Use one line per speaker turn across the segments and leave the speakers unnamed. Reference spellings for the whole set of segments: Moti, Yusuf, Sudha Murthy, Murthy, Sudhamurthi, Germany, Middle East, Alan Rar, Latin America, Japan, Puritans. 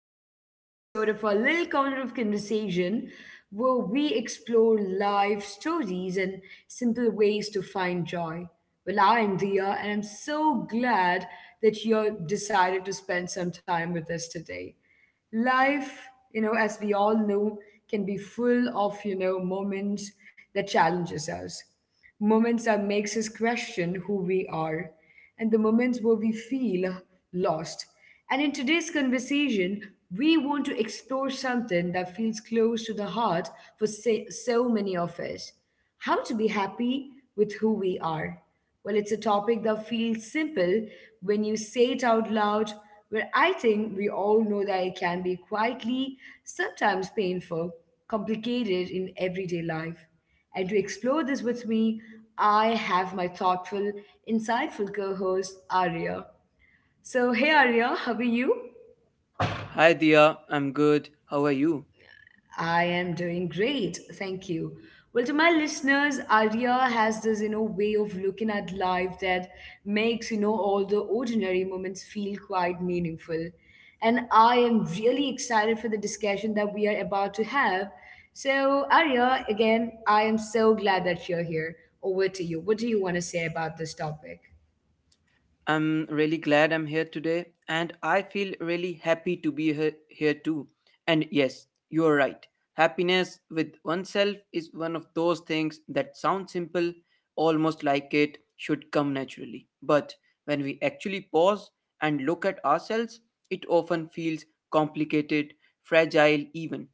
another episode of our little corner of conversation where we explore life stories and simple ways to find joy. Well, I'm Dia and I'm so glad that you decided to spend some time with us today. Life, as we all know, can be full of, moments that challenges us moments that makes us question who we are and the moments where we feel lost and in today's conversation we want to explore something that feels close to the heart for so many of us, how to be happy with who we are. Well, it's a topic that feels simple when you say it out loud, where I think we all know that it can be quietly, sometimes painful, complicated in everyday life. And to explore this with me, I have my thoughtful, insightful co host, Arya. So, hey Arya, how are you?
Hi Dia, I'm good. How are you?
I am doing great, thank you. Well, to my listeners, Arya has this, way of looking at life that makes, all the ordinary moments feel quite meaningful. And I am really excited for the discussion that we are about to have. So, Arya, again, I am so glad that you're here. Over to you. What do you want to say about this topic?
I'm really glad I'm here today, and I feel really happy to be here too. And yes, you're right. Happiness with oneself is one of those things that sound simple, almost like it should come naturally. But when we actually pause and look at ourselves, it often feels complicated, fragile, even.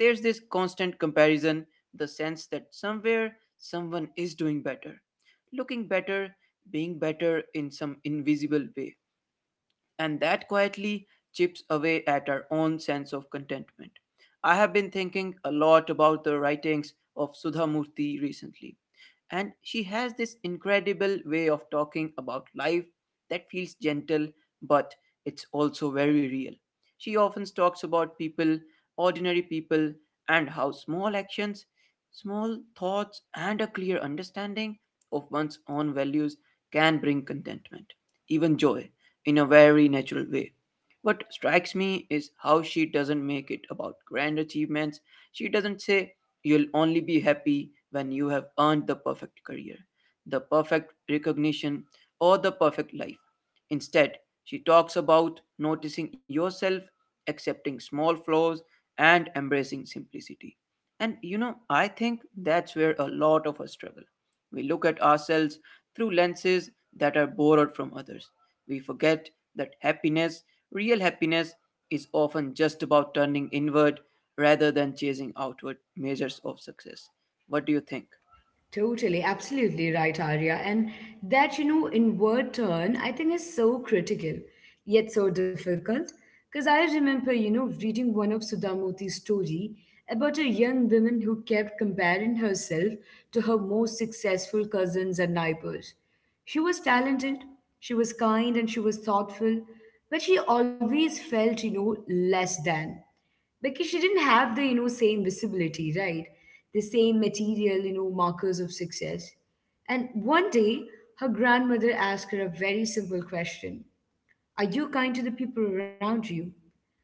There's this constant comparison, the sense that somewhere someone is doing better looking better being better in some invisible way and that quietly chips away at our own sense of contentment. I have been thinking a lot about the writings of Sudha Murthy recently, and she has this incredible way of talking about life that feels gentle but it's also very real. She often talks about people, ordinary people, and how small actions, small thoughts, and a clear understanding of one's own values can bring contentment, even joy in a very natural way. What strikes me is how she doesn't make it about grand achievements. She doesn't say, you'll only be happy when you have earned the perfect career, the perfect recognition, or the perfect life. Instead, she talks about noticing yourself, accepting small flaws, and embracing simplicity. And you know, I think that's where a lot of us struggle. We look at ourselves through lenses that are borrowed from others. We forget that happiness, real happiness, is often just about turning inward rather than chasing outward measures of success. What do you think?
Totally, absolutely right, Arya. And that, inward turn, I think is so critical, yet so difficult. Because I remember, reading one of Sudhamurthi's story about a young woman who kept comparing herself to her most successful cousins and neighbors. She was talented, she was kind, and she was thoughtful, but she always felt, less than, because she didn't have the same visibility, right, the same material markers of success. And one day her grandmother asked her a very simple question. Are you kind to the people around you?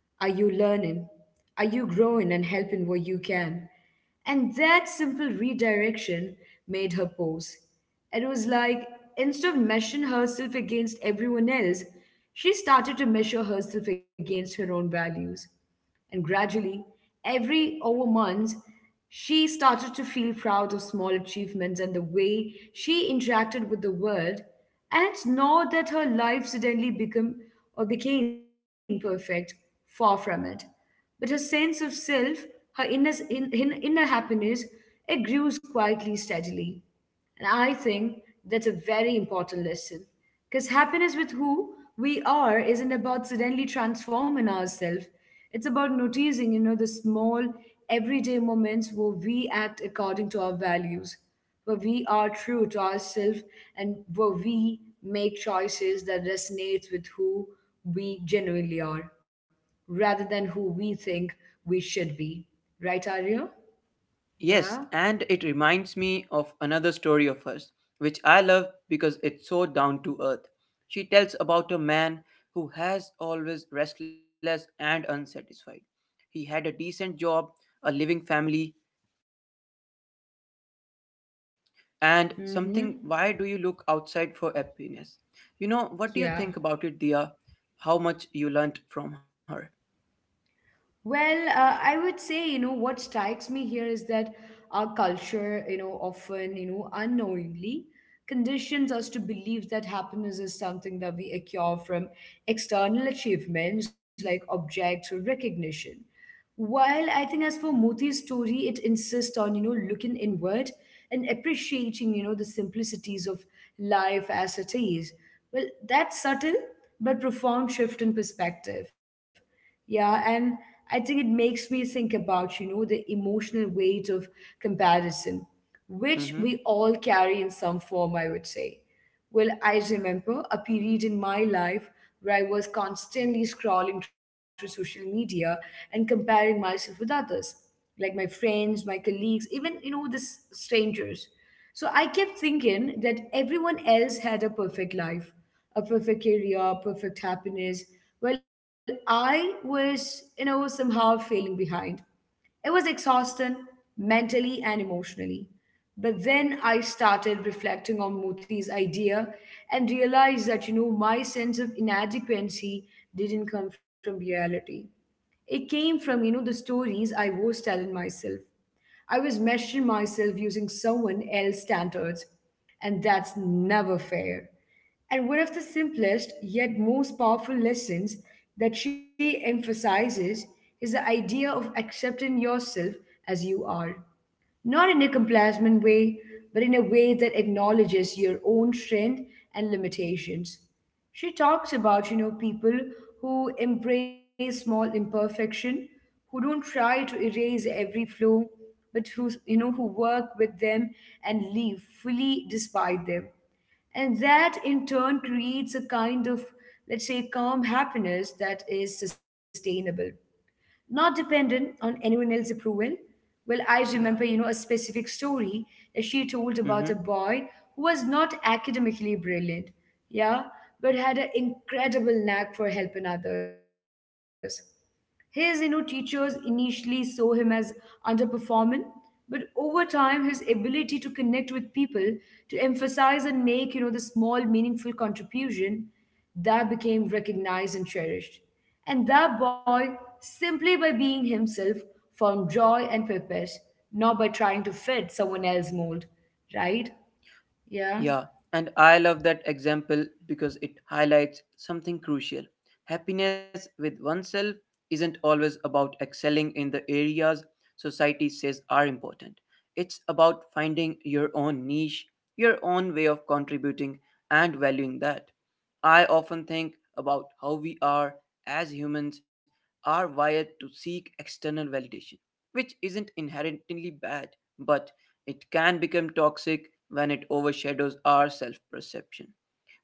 Are you learning? Are you growing and helping where you can? And that simple redirection made her pause. It was like, instead of measuring herself against everyone else, she started to measure herself against her own values. And gradually, every over months, she started to feel proud of small achievements and the way she interacted with the world. And it's not that her life suddenly become or became perfect, far from it. But her sense of self, her inner happiness, it grew quietly, steadily. And I think that's a very important lesson. Because happiness with who we are isn't about suddenly transforming ourselves. It's about noticing, the small everyday moments where we act according to our values, where we are true to ourselves and where we make choices that resonates with who we genuinely are, rather than who we think we should be. Right, Arya?
Yes,
Yeah.
and it reminds me of another story of hers, which I love because it's so down to earth. She tells about a man who has always restless and unsatisfied. He had a decent job, a living family, and
Mm-hmm.
something, why do you look outside for happiness? You know, what do you
Yeah.
think about it, Dia? How much you learnt from her?
Well, I would say, what strikes me here is that our culture, often, unknowingly conditions us to believe that happiness is something that we acquire from external achievements like objects or recognition. While I think as for Moti's story, it insists on, looking inward and appreciating, the simplicities of life as it is. Well, that's subtle but profound shift in perspective. Yeah, and I think it makes me think about, the emotional weight of comparison, which
Mm-hmm.
we all carry in some form, I would say. Well, I remember a period in my life where I was constantly scrolling through social media and comparing myself with others like my friends, my colleagues, even this strangers. So I kept thinking that everyone else had a perfect life, a perfect career, perfect happiness. Well, I was somehow failing behind. It was exhausting mentally and emotionally. But then I started reflecting on Moti's idea and realized that my sense of inadequacy didn't come from reality. It came from, the stories I was telling myself. I was measuring myself using someone else's standards, and that's never fair. And one of the simplest yet most powerful lessons that she emphasizes is the idea of accepting yourself as you are, not in a complacent way, but in a way that acknowledges your own strength and limitations. She talks about, people who embrace small imperfection, who don't try to erase every flaw, but who work with them and live fully despite them. And that in turn creates a kind of, let's say, calm happiness that is sustainable, not dependent on anyone else's approval. Well, I remember,
Yeah.
a specific story that she told about a
Mm-hmm.
boy who was not academically brilliant, yeah, but had an incredible knack for helping others. His, teachers initially saw him as underperforming, but over time, his ability to connect with people, to emphasize and make, the small meaningful contribution, that became recognized and cherished. And that boy, simply by being himself, found joy and purpose, not by trying to fit someone else's mold, right? Yeah.
Yeah, and I love that example because it highlights something crucial. Happiness with oneself isn't always about excelling in the areas society says are important. It's about finding your own niche, your own way of contributing, and valuing that. I often think about how we are, as humans, are wired to seek external validation, which isn't inherently bad, but it can become toxic when it overshadows our self perception.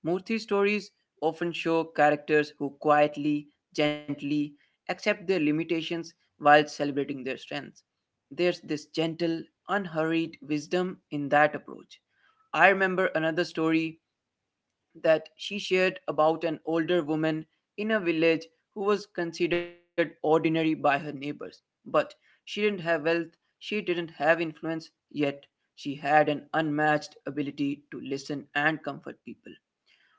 Murthy's stories often show characters who quietly, gently accept their limitations while celebrating their strengths. There's this gentle, unhurried wisdom in that approach. I remember another story that she shared about an older woman in a village who was considered ordinary by her neighbors. But she didn't have wealth, she didn't have influence, yet she had an unmatched ability to listen and comfort people.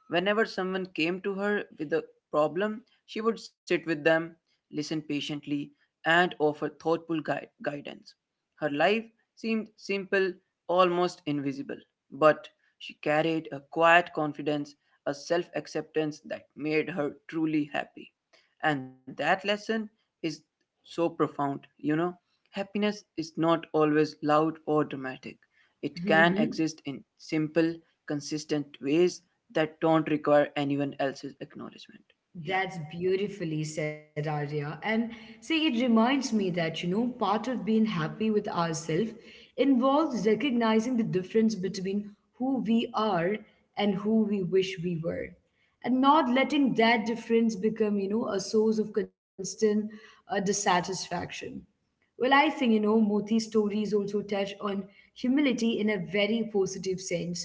Whenever someone came to her with a problem, she would sit with them, listen patiently, and offer thoughtful guidance. Her life seemed simple, almost invisible, but she carried a quiet confidence, a self acceptance that made her truly happy. And that lesson is so profound, you know. Happiness is not always loud or dramatic. It can
Hmm.
exist in simple, consistent ways that don't require anyone else's acknowledgement. Yeah.
That's beautifully said, Arya. And see, it reminds me that, part of being happy with ourselves involves recognizing the difference between who we are and who we wish we were. And not letting that difference become, a source of constant dissatisfaction. Well, I think, Moti's stories also touch on humility in a very positive sense.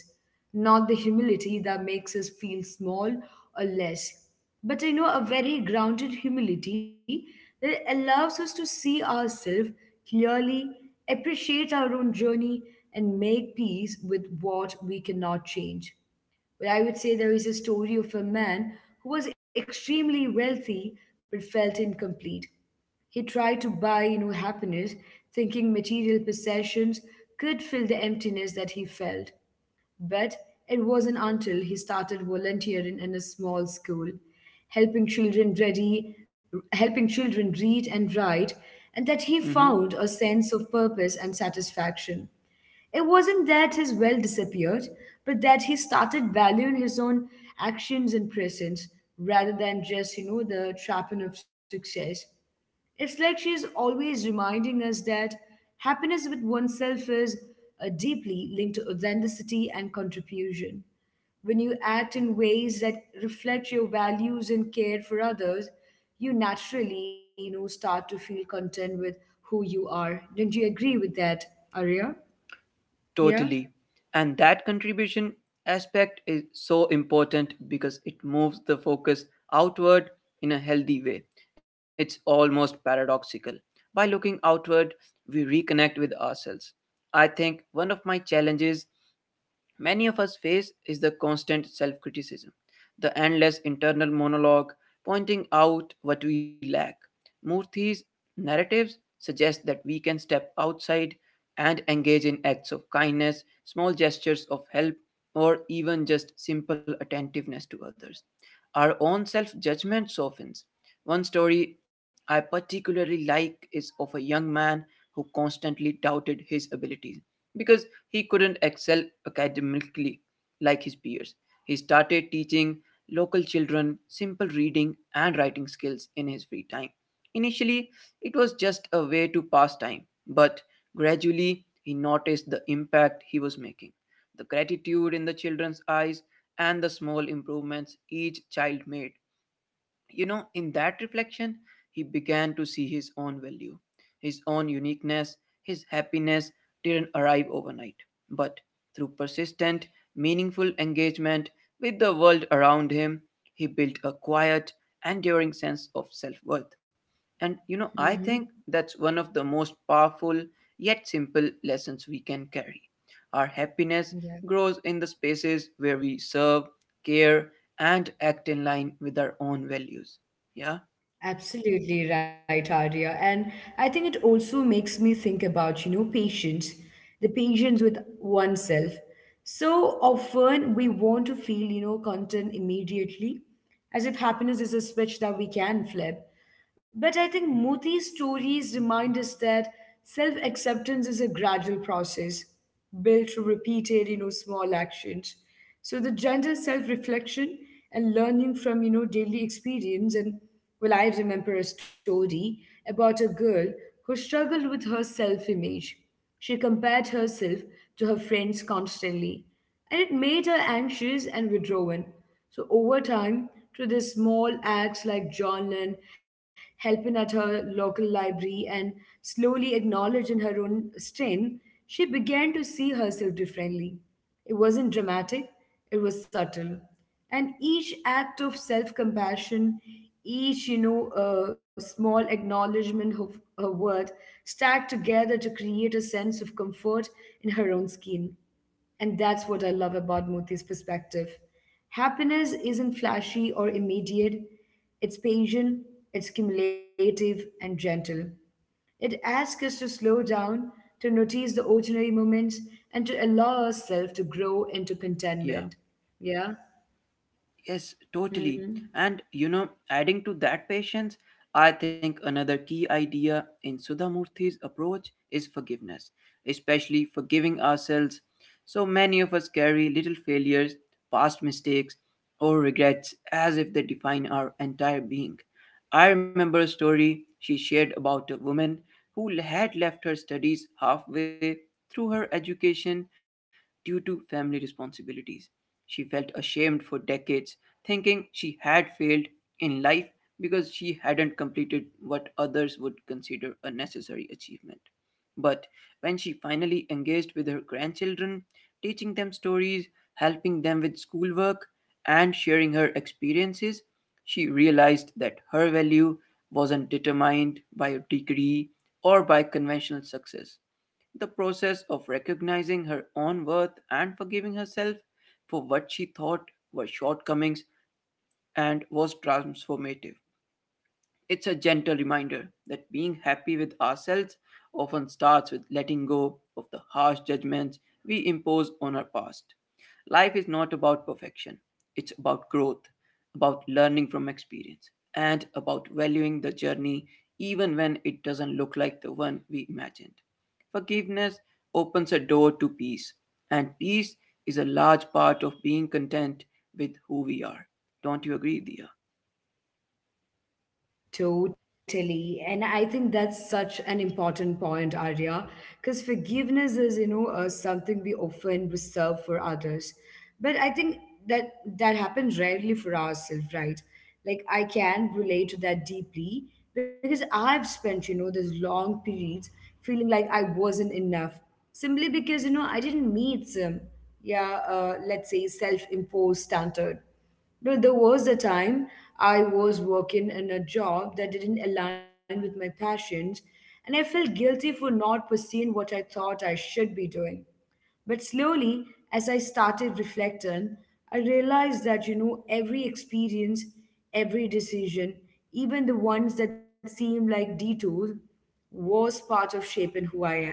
Not the humility that makes us feel small or less, but, a very grounded humility that allows us to see ourselves clearly, appreciate our own journey, and make peace with what we cannot change. But I would say there is a story of a man who was extremely wealthy but felt incomplete. He tried to buy, happiness, thinking material possessions could fill the emptiness that he felt. But it wasn't until he started volunteering in a small school, helping children ready, helping children read and write, and that he
Hmm.
found a sense of purpose and satisfaction. It wasn't that his will disappeared, but that he started valuing his own actions and presence rather than just, the trapping of success. It's like she is always reminding us that happiness with oneself is deeply linked to authenticity and contribution. When you act in ways that reflect your values and care for others, you naturally start to feel content with who you are. Don't you agree with that, Arya? Yeah.
Totally. And that contribution aspect is so important because it moves the focus outward in a healthy way. It's almost paradoxical. By looking outward, we reconnect with ourselves. I think one of my challenges many of us face is the constant self criticism, the endless internal monologue pointing out what we lack. Murthy's narratives suggest that we can step outside and engage in acts of kindness, small gestures of help, or even just simple attentiveness to others. Our own self judgment softens. One story I particularly like is of a young man who constantly doubted his abilities because he couldn't excel academically like his peers. He started teaching local children simple reading and writing skills in his free time. Initially, it was just a way to pass time, but gradually he noticed the impact he was making, the gratitude in the children's eyes, and the small improvements each child made. You know, in that reflection, he began to see his own value, his own uniqueness. His happiness didn't arrive overnight. But through persistent, meaningful engagement with the world around him, he built a quiet, enduring sense of self worth. And you know, I
Mm-hmm.
think that's one of the most powerful yet simple lessons we can carry. Our happiness
Yeah,
grows in the spaces where we serve, care, and act in line with our own values. Yeah,
absolutely right, Arya. And I think it also makes me think about, patience, the patience with oneself. So often we want to feel, content immediately, as if happiness is a switch that we can flip. But I think Moti's stories remind us that self acceptance is a gradual process built through repeated, small actions. So the gentle self reflection and learning from, daily experience. And well, I remember a story about a girl who struggled with her self image. She compared herself to her friends constantly, and it made her anxious and withdrawn. So, over time, through these small acts like journaling, helping at her local library, and slowly acknowledging her own strength, she began to see herself differently. It wasn't dramatic, it was subtle, and each act of self-compassion, each small acknowledgement of her worth stack together to create a sense of comfort in her own skin. And that's what I love about Muti's perspective. Happiness isn't flashy or immediate, it's patient, it's cumulative and gentle. It asks us to slow down, to notice the ordinary moments, and to allow ourselves to grow into
yeah.
contentment. Yeah.
Yes, totally.
Mhm.
And you know, adding to that patience, I think another key idea in Sudhamurthy's approach is forgiveness, especially forgiving ourselves. So many of us carry little failures, past mistakes, or regrets as if they define our entire being. I remember a story she shared about a woman who had left her studies halfway through her education due to family responsibilities. She felt ashamed for decades thinking she had failed in life because she hadn't completed what others would consider a necessary achievement. But when she finally engaged with her grandchildren, teaching them stories, helping them with schoolwork, and sharing her experiences, she realized that her value wasn't determined by a degree or by conventional success. The process of recognizing her own worth and forgiving herself for what she thought were shortcomings and was transformative. It's a gentle reminder that being happy with ourselves often starts with letting go of the harsh judgments we impose on our past. Life is not about perfection, it's about growth, about learning from experience, and about valuing the journey even when it doesn't look like the one we imagined. Forgiveness opens a door to peace, and peace is a large part of being content with who we are. Don't you agree, Dia?
Totally. And I think that's such an important point, Arya, because forgiveness is, something we often reserve for others. But I think that that happens rarely for ourselves, right? Like I can relate to that deeply because I've spent, those long periods feeling like I wasn't enough simply because, I didn't meet some, yeah, let's say, self-imposed standard. No, there was a time I was working in a job that didn't align with my passions, and I felt guilty for not pursuing what I thought I should be doing. But slowly, as I started reflecting, I realized that, every experience, every decision, even the ones that seem like detours, was part of shaping who I am.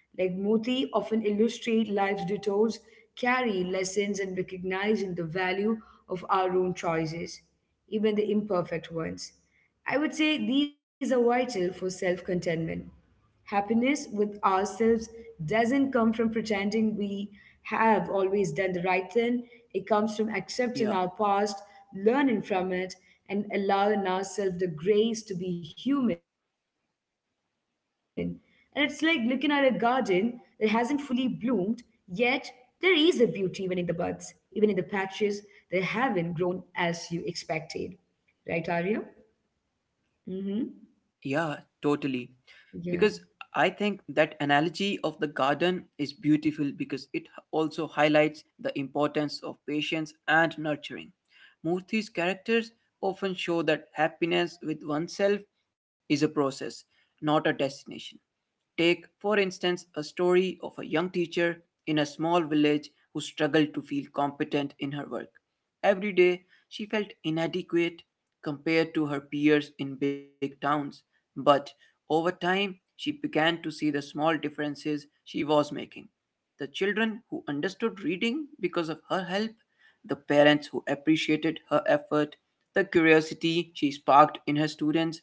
Like Moti often illustrate life's detours carry lessons, and recognizing the value of our own choices, even the imperfect ones, I would say these are vital for self contentment. Happiness with ourselves doesn't come from pretending we have always done the right thing. It comes from
Yeah,
accepting our past, learning from it, and allowing ourselves the grace to be human. And it's like looking at a garden that hasn't fully bloomed, yet there is a beauty even in the buds, even in the patches that haven't grown as you expected. Right, Arya? Mm-hmm.
yeah, totally. Because
Yeah.
I think that analogy of the garden is beautiful because it also highlights the importance of patience and nurturing. Murthy's characters often show that happiness with oneself is a process, not a destination. Take, for instance, a story of a young teacher in a small village who struggled to feel competent in her work. Every day, she felt inadequate compared to her peers in big towns, but over time, she began to see the small differences she was making. The children who understood reading because of her help, the parents who appreciated her effort, the curiosity she sparked in her students,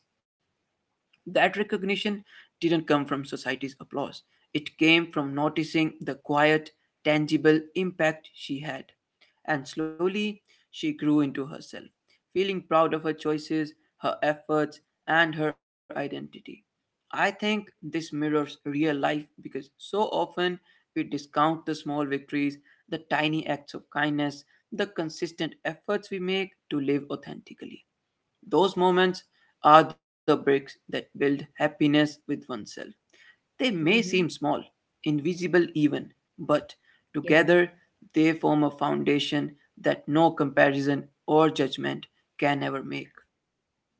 that recognition didn't come from society's applause, it came from noticing the quiet, tangible impact she had. And slowly, she grew into herself, feeling proud of her choices, her efforts, and her identity. I think this mirrors real life because so often we discount the small victories, the tiny acts of kindness, the consistent efforts we make to live authentically. Those moments are the bricks that build happiness with oneself. They may seem small,
Mm-hmm.
invisible even, but
Yeah.
together they form a foundation that no comparison or judgment can ever make.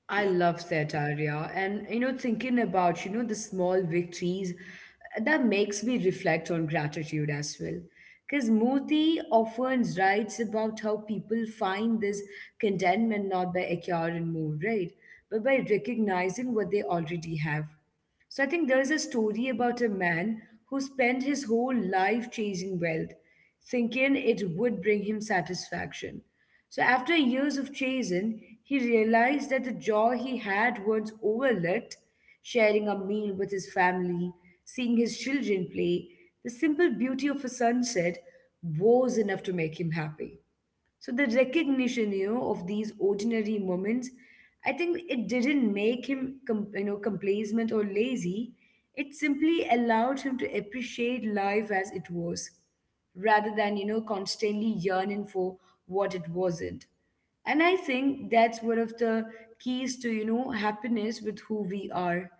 I
Yeah,
love that, Arya. And thinking about, the small victories, that makes me reflect on gratitude as well. Because Murthy often writes about how people find this contentment not by acquiring more, right? But by recognizing what they already have. So I think there is a story about a man who spent his whole life chasing wealth thinking it would bring him satisfaction. So after years of chasing, he realized that the joy he had once overlooked, sharing a meal with his family, seeing his children play, the simple beauty of a sunset was enough to make him happy. So the recognition, of these ordinary moments, I think it didn't make him, complacent or lazy. It simply allowed him to appreciate life as it was, rather than, constantly yearning for what it wasn't. And I think that's one of the keys to, happiness with who we are.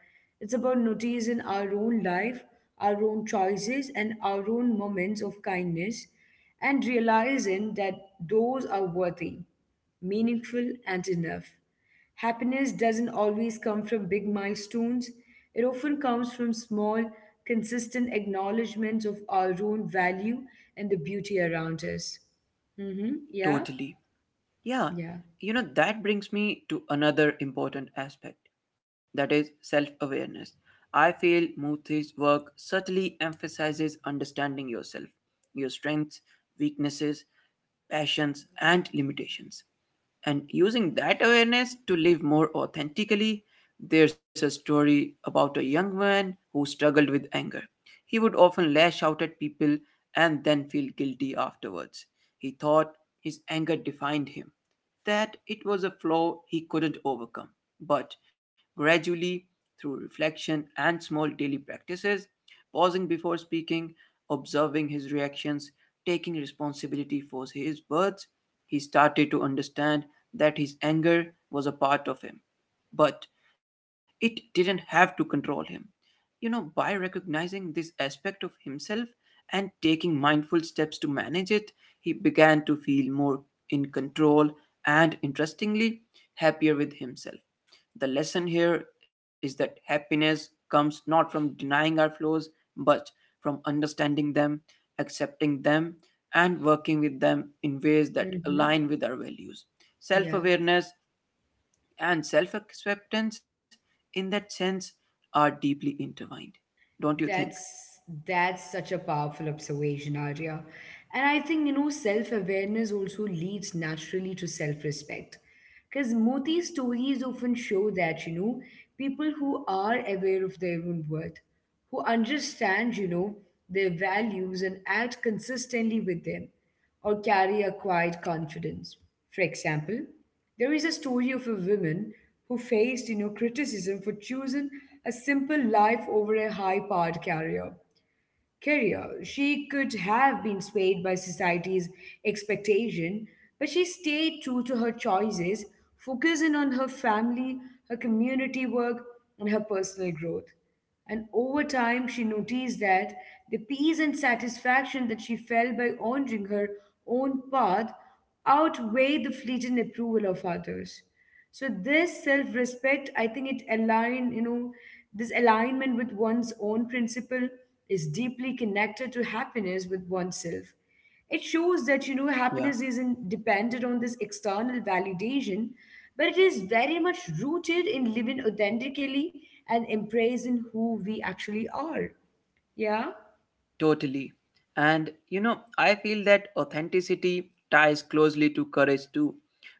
It's about noticing our own life, our own choices, and our own moments of kindness and realizing that those are worthy, meaningful, and enough. Happiness doesn't always come from big milestones, it often comes from small, consistent acknowledgments of our own value and the beauty around us. Mm-hmm. Yeah,
totally. Yeah,
yeah.
you know, that brings me to another important aspect that is self awareness. I feel Murthy's work subtly emphasizes understanding yourself, your strengths, weaknesses, passions, and limitations and using that awareness to live more authentically. There's a story about a young man who struggled with anger. He would often lash out at people and then feel guilty afterwards. He thought his anger defined him, that it was a flaw he couldn't overcome. But gradually, through reflection and small daily practices, pausing before speaking, observing his reactions, taking responsibility for his words, he started to understand that his anger was a part of him. But it didn't have to control him. You know, by recognizing this aspect of himself and taking mindful steps to manage it, he began to feel more in control and, interestingly, happier with himself. The lesson here is that happiness comes not from denying our flaws, but from understanding them, accepting them, and working with them in ways that
Mm-hmm.
align with our values. Self
Yeah,
awareness and self acceptance, in that sense, are deeply intertwined. Don't you think?
that's that's such a powerful observation, Arya. And I think, self-awareness also leads naturally to self-respect. Because Moti stories often show that, people who are aware of their own worth, who understand, their values and act consistently with them, or carry a quiet confidence. For example, there is a story of a woman who faced, criticism for choosing a simple life over a high-powered career. She could have been swayed by society's expectation, but she stayed true to her choices, focusing on her family, her community work, and her personal growth. And over time, she noticed that the peace and satisfaction that she felt by honoring her own path outweighed the fleeting approval of others. So this self-respect, I think it align, you know, this alignment with one's own principle is deeply connected to happiness with oneself. It shows that you know
Yeah.
happiness isn't dependent on this external validation, but it is very much rooted in living authentically and embracing who we actually are. Yeah.
Totally. And you know, I feel that authenticity ties closely to courage too.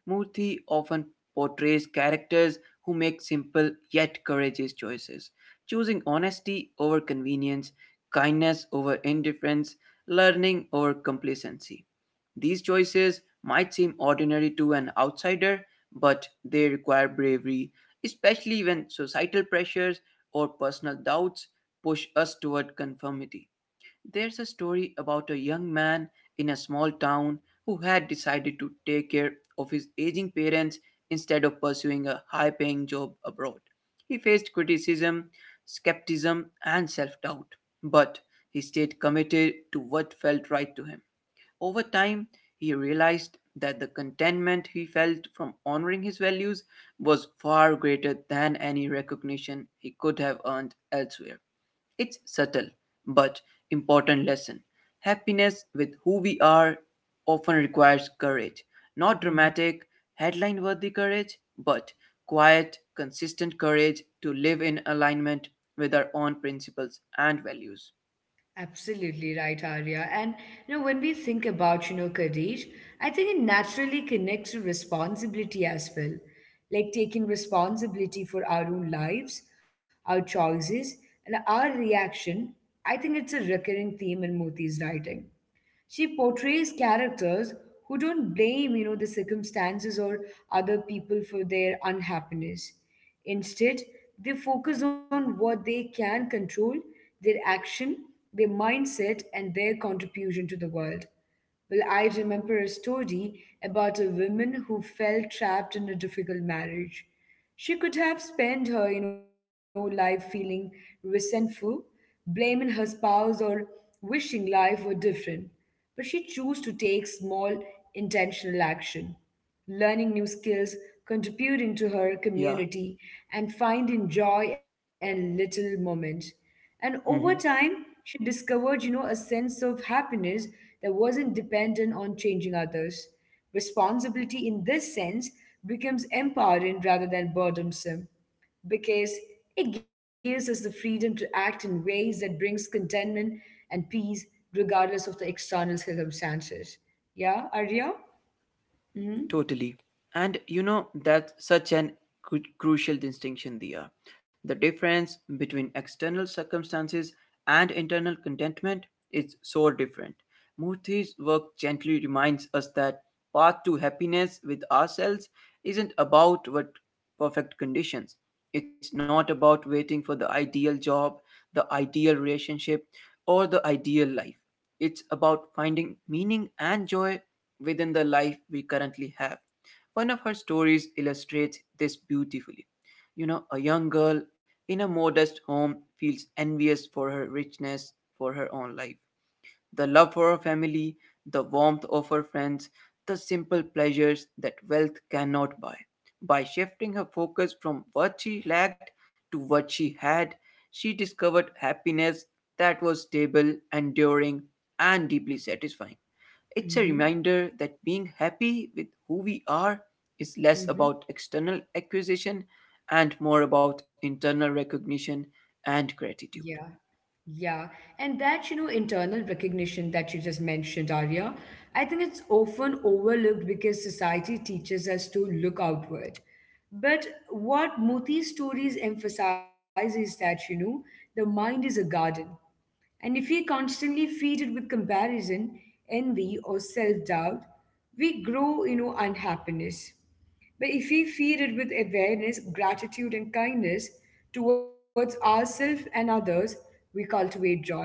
Murthy often portrays characters who make simple yet courageous choices, choosing honesty over convenience, kindness over indifference, learning over complacency. These choices might seem ordinary to an outsider, but they require bravery, especially when societal pressures or personal doubts push us toward conformity. There's a story about a young man in a small town who had decided to take care of his aging parents instead of pursuing a high paying job abroad. He faced criticism, skepticism, and self doubt, but he stayed committed to what felt right to him. Over time, he realized that the contentment he felt from honoring his values was far greater than any recognition he could have earned elsewhere. It's subtle but important lesson. Happiness with who we are often requires courage. Not dramatic, headline worthy courage, but quiet, consistent courage to live in alignment with our own principles and values.
Absolutely right, Arya. And when we think about, career, I think it naturally connects to responsibility as well. Like taking responsibility for our own lives, our choices, and our reaction. I think it's a recurring theme in Moti's writing. She portrays characters who don't blame, the circumstances or other people for their unhappiness. Instead, they focus on what they can control, their action, their mindset, and their contribution to the world. Well, I remember a story about a woman who fell trapped in a difficult marriage. She could have spent her life feeling resentful, blaming her spouse or wishing life were different. But she chose to take small intentional action learning new skills, contributing to her
Yeah.
community, and finding joy in little moments. And over
Hmm.
time, she discovered, a sense of happiness that wasn't dependent on changing others. Responsibility in this sense becomes empowering rather than burdensome because it gives us the freedom to act in ways that brings contentment and peace regardless of the external circumstances. Yeah, Arya? hmm
Totally. And you know, that's such an crucial distinction, Dia. The difference between external circumstances and internal contentment is so different. Murthy's work gently reminds us that path to happiness with ourselves isn't about what perfect conditions. It's not about waiting for the ideal job, the ideal relationship, or the ideal life. It's about finding meaning and joy within the life we currently have. One of her stories illustrates this beautifully. You know, a young girl in a modest home feels envious for her richness, for her own life. The love for her family, the warmth of her friends, the simple pleasures that wealth cannot buy. By shifting her focus from what she lacked to what she had, she discovered happiness that was stable, enduring, and deeply satisfying. It's a
Mm-hmm.
reminder that being happy with who we are is less
Mm-hmm.
about external acquisition and more about internal recognition and
Yeah.
gratitude.
Yeah. And that, internal recognition that you just mentioned, Arya, I think it's often overlooked because society teaches us to look outward. But what Moti's stories emphasize is that, the mind is a garden. And if we constantly feed it with comparison, envy, or self doubt, we grow, unhappiness. But if we feed it with awareness, gratitude, and kindness towards ourselves and others, we cultivate joy.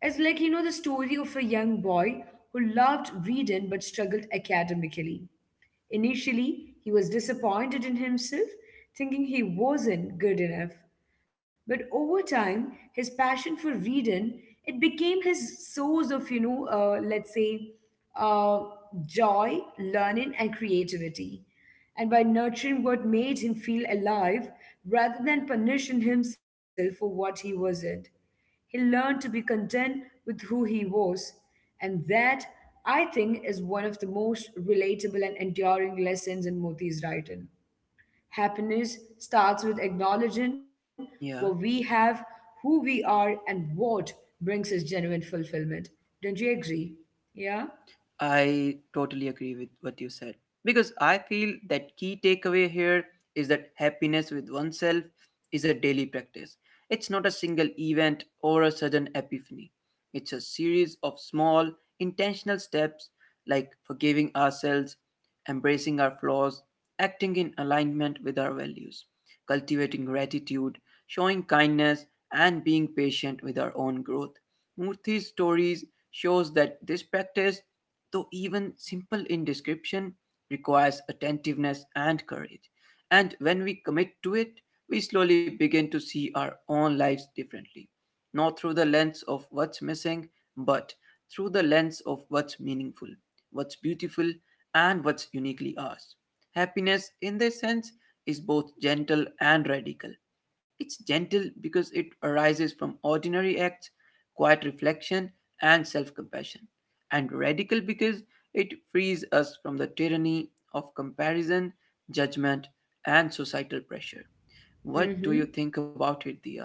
It's like, the story of a young boy who loved reading but struggled academically. Initially, he was disappointed in himself, thinking he wasn't good enough. But over time, his passion for reading it became his source of, let's say, uh, joy, learning, and creativity. And by nurturing what made him feel alive, rather than punishing himself for what he wasn't. He learned to be content with who he was, and that, I think, is one of the most relatable and enduring lessons in Moti's writing. Happiness starts with acknowledging what we
Yeah.
have, who we are, and what brings us genuine fulfillment. Don't you agree? Yeah?
I totally agree with what you said because I feel that key takeaway here is that happiness with oneself is a daily practice. It's not a single event or a sudden epiphany. It's a series of small, intentional steps like forgiving ourselves, embracing our flaws, acting in alignment with our values, cultivating gratitude, showing kindness, and being patient with our own growth. Murthy's stories shows that this practice, though even simple in description, requires attentiveness and courage. And when we commit to it, we slowly begin to see our own lives differently, not through the lens of what's missing, but through the lens of what's meaningful, what's beautiful, and what's uniquely ours. Happiness, in this sense, is both gentle and radical. It's gentle because it arises from ordinary acts, quiet reflection, and self compassion, and radical because it frees us from the tyranny of comparison, judgment, and societal pressure. What
Mm
do
hmm.
you think about it, Dia?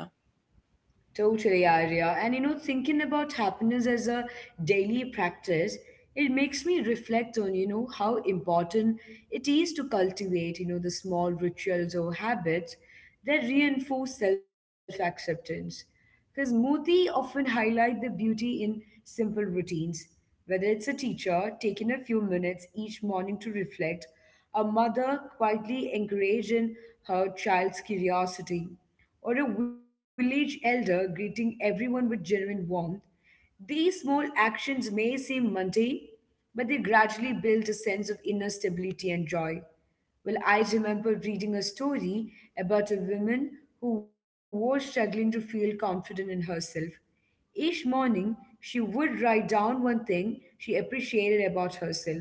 Totally, Arya. And thinking about happiness as a daily practice, it makes me reflect on, how important it is to cultivate, the small rituals or habits that reinforce self acceptance. Because Moti often highlight the beauty in simple routines, whether it's a teacher taking a few minutes each morning to reflect, a mother quietly encouraging her child's curiosity or a village elder greeting everyone with genuine warmth, these small actions may seem mundane, but they gradually build a sense of inner stability and joy. Well, I remember reading a story about a woman who was struggling to feel confident in herself. Each morning, she would write down one thing she appreciated about herself.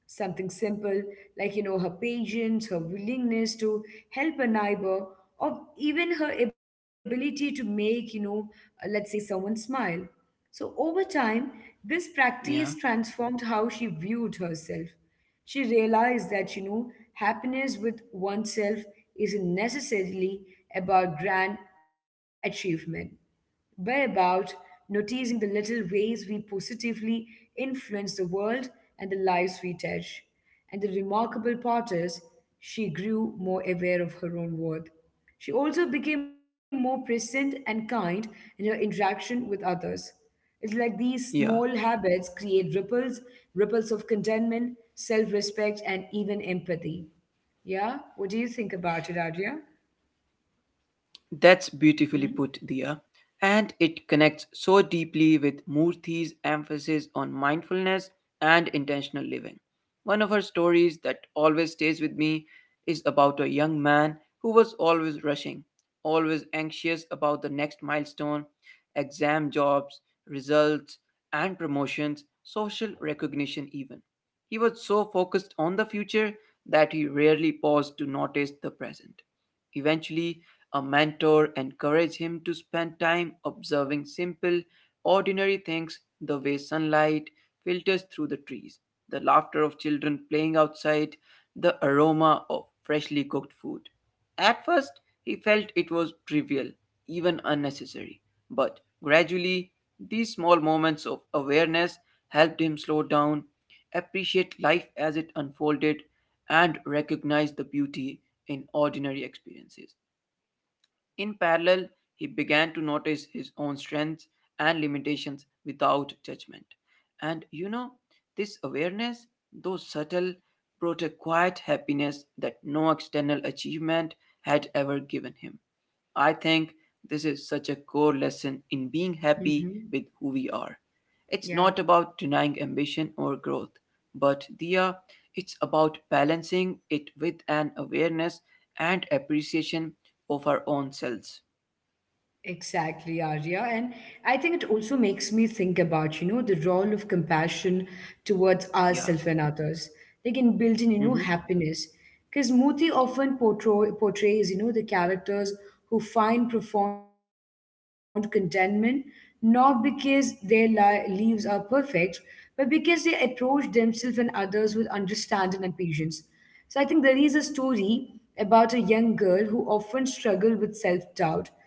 Something simple, like, her patience, her willingness to help a neighbor, or even her ability to make, let's say someone smile. So over time, this practice
Yeah,
transformed how she viewed herself. She realized that, happiness with oneself isn't necessarily about grand achievement but about noticing the little ways we positively influence the world and the lives we touch. And the remarkable part is, she grew more aware of her own worth. She also became more present and kind in her interaction with others. It's like these small
yeah.
habits create ripples, ripples of contentment, self respect, and even empathy. Yeah? What do you think about it, Adria?
That's
Hmm?
beautifully put, Dia. And it connects so deeply with Murthy's emphasis on mindfulness and intentional living. One of her stories that always stays with me is about a young man who was always rushing, always anxious about the next milestone, exam jobs, results, and promotions, social recognition, even. He was so focused on the future that he rarely paused to notice the present. Eventually, a mentor encouraged him to spend time observing simple, ordinary things, the way sunlight filters through the trees, the laughter of children playing outside, the aroma of freshly cooked food. At first, he felt it was trivial, even unnecessary, but gradually, these small moments of awareness helped him slow down, appreciate life as it unfolded, and recognize the beauty in ordinary experiences. In parallel, he began to notice his own strengths and limitations without judgment. And you know, this awareness, though subtle, brought a quiet happiness that no external achievement had ever given him. I think this is such a core lesson in being happy
hmm
with who we are. It's
Yeah.
not about denying ambition or growth, but Dia, it's about balancing it with an awareness and appreciation of our own selves.
Exactly, Arya. And I think it also makes me think about, the role of compassion towards
Yeah.
ourselves and others, like in building,
Mm-hmm.
happiness. Because Muti often portrays the characters who find profound contentment, not because their lives are perfect, but because they approach themselves and others with understanding and patience. So I think there is a story about a young girl who often struggled with self doubt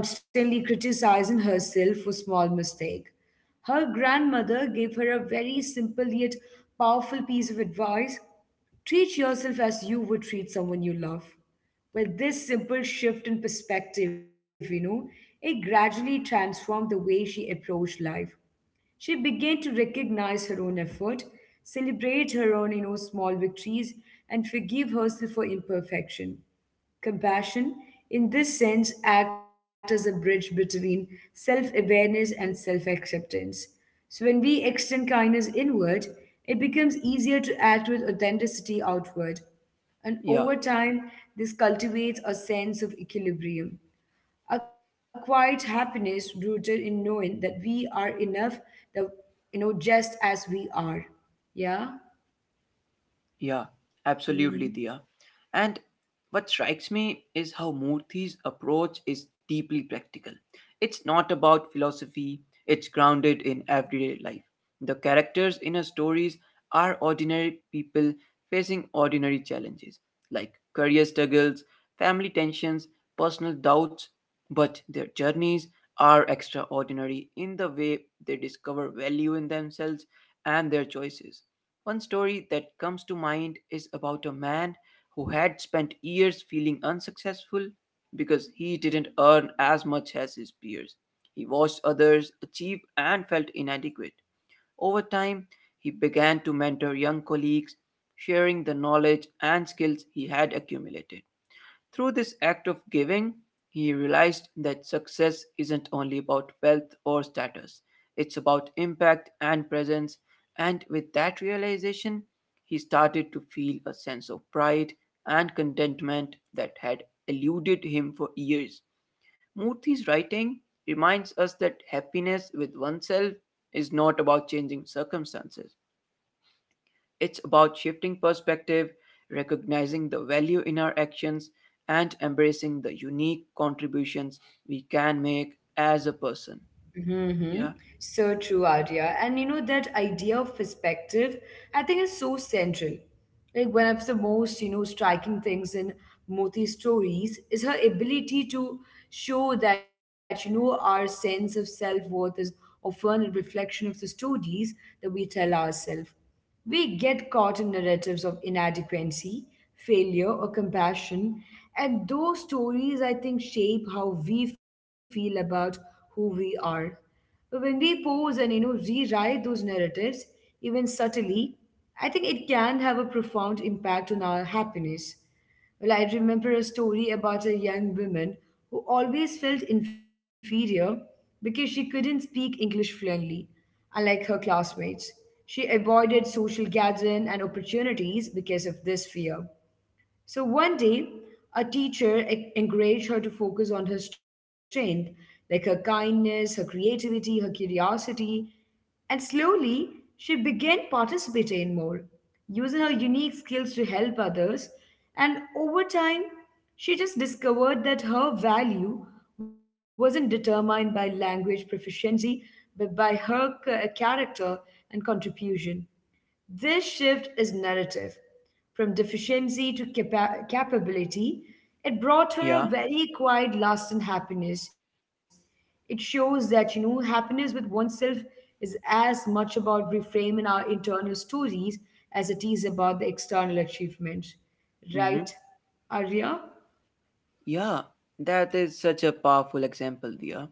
constantly criticizing herself for small mistake. Her grandmother gave her a very simple yet powerful piece of advice. Treat yourself as you would treat someone you love. Well, this simple shift in perspective, it gradually transformed the way she approached life. She began to recognize her own effort, celebrate her own small victories, and forgive herself for imperfection. Compassion, in this sense, acts as a bridge between self awareness and self acceptance. So, when we extend kindness inward, it becomes easier to act with authenticity outward. And
Yeah.
over time, this cultivates a sense of equilibrium a quiet happiness rooted in knowing that we are enough, the just as we are. Yeah.
Yeah, absolutely,
Mhm.
Diya. And what strikes me is how Murthy's approach is deeply practical. It's not about philosophy, it's grounded in everyday life. The characters in her stories are ordinary people facing ordinary challenges, like career struggles, family tensions, personal doubts, but their journeys are extraordinary in the way they discover value in themselves and their choices. One story that comes to mind is about a man who had spent years feeling unsuccessful because he didn't earn as much as his peers. He watched others achieve and felt inadequate. Over time, he began to mentor young colleagues, sharing the knowledge and skills he had accumulated. Through this act of giving, he realized that success isn't only about wealth or status, it's about impact and presence. And with that realization, he started to feel a sense of pride and contentment that had eluded him for years. Murthy's writing reminds us that happiness with oneself is not about changing circumstances, it's about shifting perspective, recognizing the value in our actions, and embracing the unique contributions we can make as a person.
Mm-hmm.
Yeah,
So true, Arya. And that idea of perspective, I think, is so central. Like, one of the most, striking things in Moti's stories is her ability to show that, our sense of self worth is often a reflection of the stories that we tell ourselves. We get caught in narratives of inadequacy, failure, or compassion, and those stories, I think, shape how we feel about who we are. But when we pause and you know rewrite those narratives, even subtly, I think it can have a profound impact on our happiness. Well, I remember a story about a young woman who always felt inferior because she couldn't speak English fluently, unlike her classmates. She avoided social gathering and opportunities because of this fear. So one day, a teacher encouraged her to focus on her strength, like her kindness, her creativity, her curiosity, and slowly she began participating more, using her unique skills to help others. And over time, she just discovered that her value wasn't determined by language proficiency, but by her character and contribution. This shift is narrative. From deficiency to capability, it brought her a
yeah,
very quiet, lasting happiness. It shows that, happiness with oneself is as much about reframing our internal stories as it is about the external achievement.
mm-hmm,
Right, Arya?
yeah. That is such a powerful example, Dia.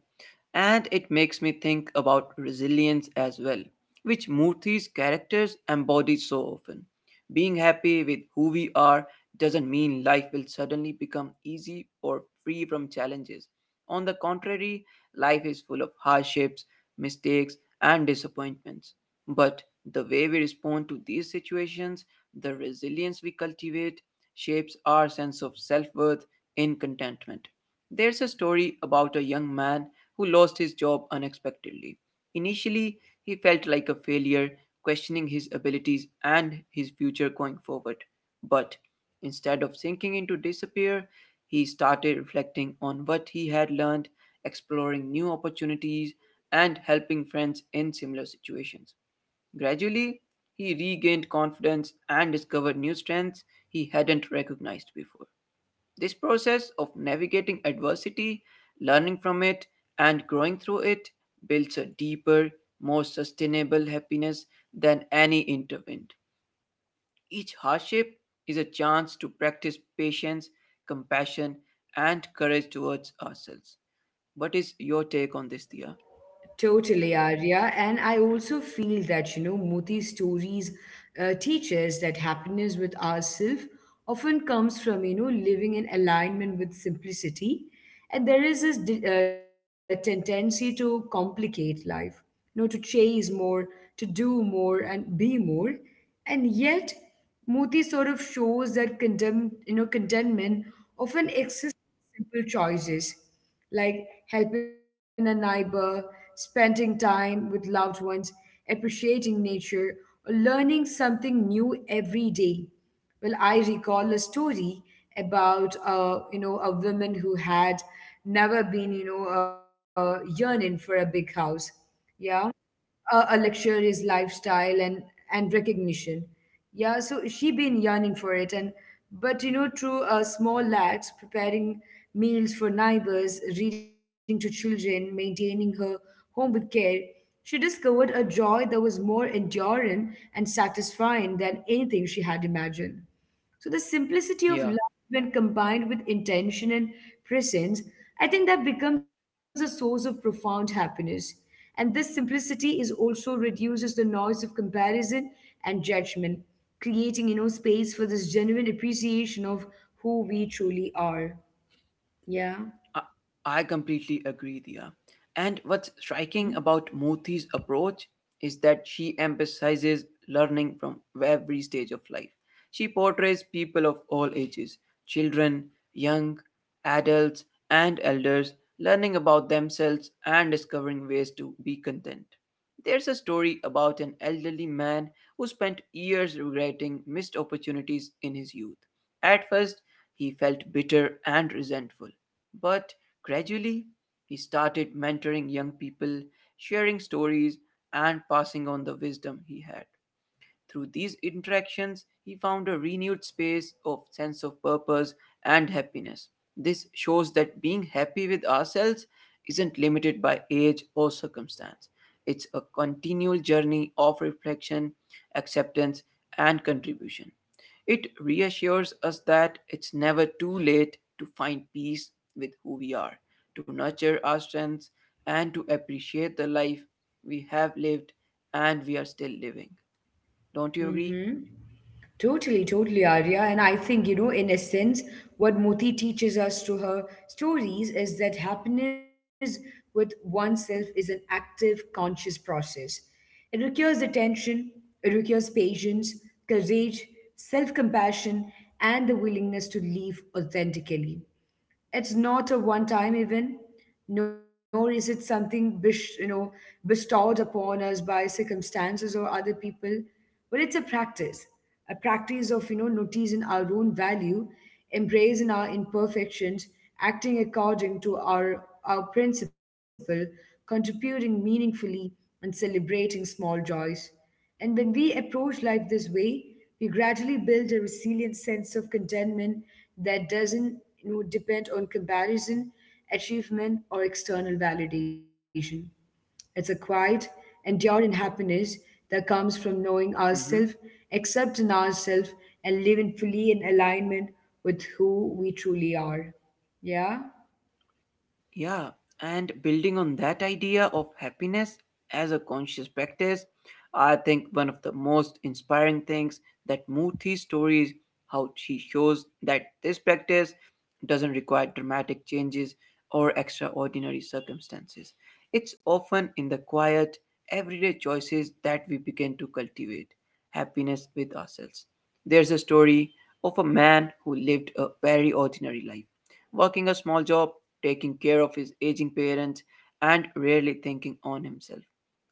And it makes me think about resilience as well, which Murthy's characters embody so often. Being happy with who we are doesn't mean life will suddenly become easy or free from challenges. On the contrary, life is full of hardships, mistakes, and disappointments. But the way we respond to these situations, the resilience we cultivate, shapes our sense of self worth in contentment. There's a story about a young man who lost his job unexpectedly. Initially, he felt like a failure, questioning his abilities and his future going forward. But instead of sinking into despair, he started reflecting on what he had learned, exploring new opportunities, and helping friends in similar situations. Gradually, he regained confidence and discovered new strengths he hadn't recognized before. This process of navigating adversity, learning from it, and growing through it builds a deeper, more sustainable happiness than any intervention. Each hardship is a chance to practice patience, compassion, and courage towards ourselves. What is your take on this, Dia?
Totally, Arya. And I also feel that, Moti's stories teach us that happiness with ourselves often comes from, living in alignment with simplicity. And there is this tendency to complicate life, to chase more, to do more, and be more. And yet, Moti sort of shows that contentment often simple choices like helping a neighbor, spending time with loved ones, appreciating nature, or learning something new every day. Well, I recall a story about a woman who had never been yearning for a big house. Yeah, a luxurious lifestyle and recognition, yeah, so she been yearning for it. And but through small acts, preparing meals for neighbors, reading to children, maintaining her home with care, she discovered a joy that was more enduring and satisfying than anything she had imagined. So the simplicity of
Yeah.
love, when combined with intention and presence, I think that becomes a source of profound happiness. And this simplicity is also reduces the noise of comparison and judgment, creating space for this genuine appreciation of who we truly are. Yeah.
I I completely agree, Dia. And what's striking about Moti's approach is that she emphasizes learning from every stage of life. She portrays people of all ages, children, young, adults, and elders, learning about themselves and discovering ways to be content. There's a story about an elderly man who spent years regretting missed opportunities in his youth. At first, he felt bitter and resentful, but gradually, he started mentoring young people, sharing stories, and passing on the wisdom he had. Through these interactions, he found a renewed space of sense of purpose and happiness. This shows that being happy with ourselves isn't limited by age or circumstance. It's a continual journey of reflection, acceptance, and contribution. It reassures us that it's never too late to find peace with who we are, to nurture our strengths, and to appreciate the life we have lived and we are still living. Don't you
Mm-hmm.
agree?
Totally, totally, Arya. And I think, in essence, what Moti teaches us through her stories is that happiness with oneself is an active, conscious process. It requires attention, it requires patience, courage, self compassion, and the willingness to live authentically. It's not a one-time event, nor is it something bestowed upon us by circumstances or other people, but it's a practice of noticing our own value, embracing our imperfections, acting according to our principle, contributing meaningfully, and celebrating small joys. And when we approach life this way, we gradually build a resilient sense of contentment that doesn't depend on comparison, achievement, or external validation. It's a quiet, enduring happiness that comes from knowing ourselves,
Mm-hmm.
accepting ourselves, and living fully in alignment with who we truly are. Yeah?
Yeah, and building on that idea of happiness as a conscious practice, I think one of the most inspiring things that Murthy's story is how she shows that this practice doesn't require dramatic changes or extraordinary circumstances. It's often in the quiet, everyday choices that we begin to cultivate happiness with ourselves. There's a story of a man who lived a very ordinary life, working a small job, taking care of his aging parents, and rarely thinking on himself.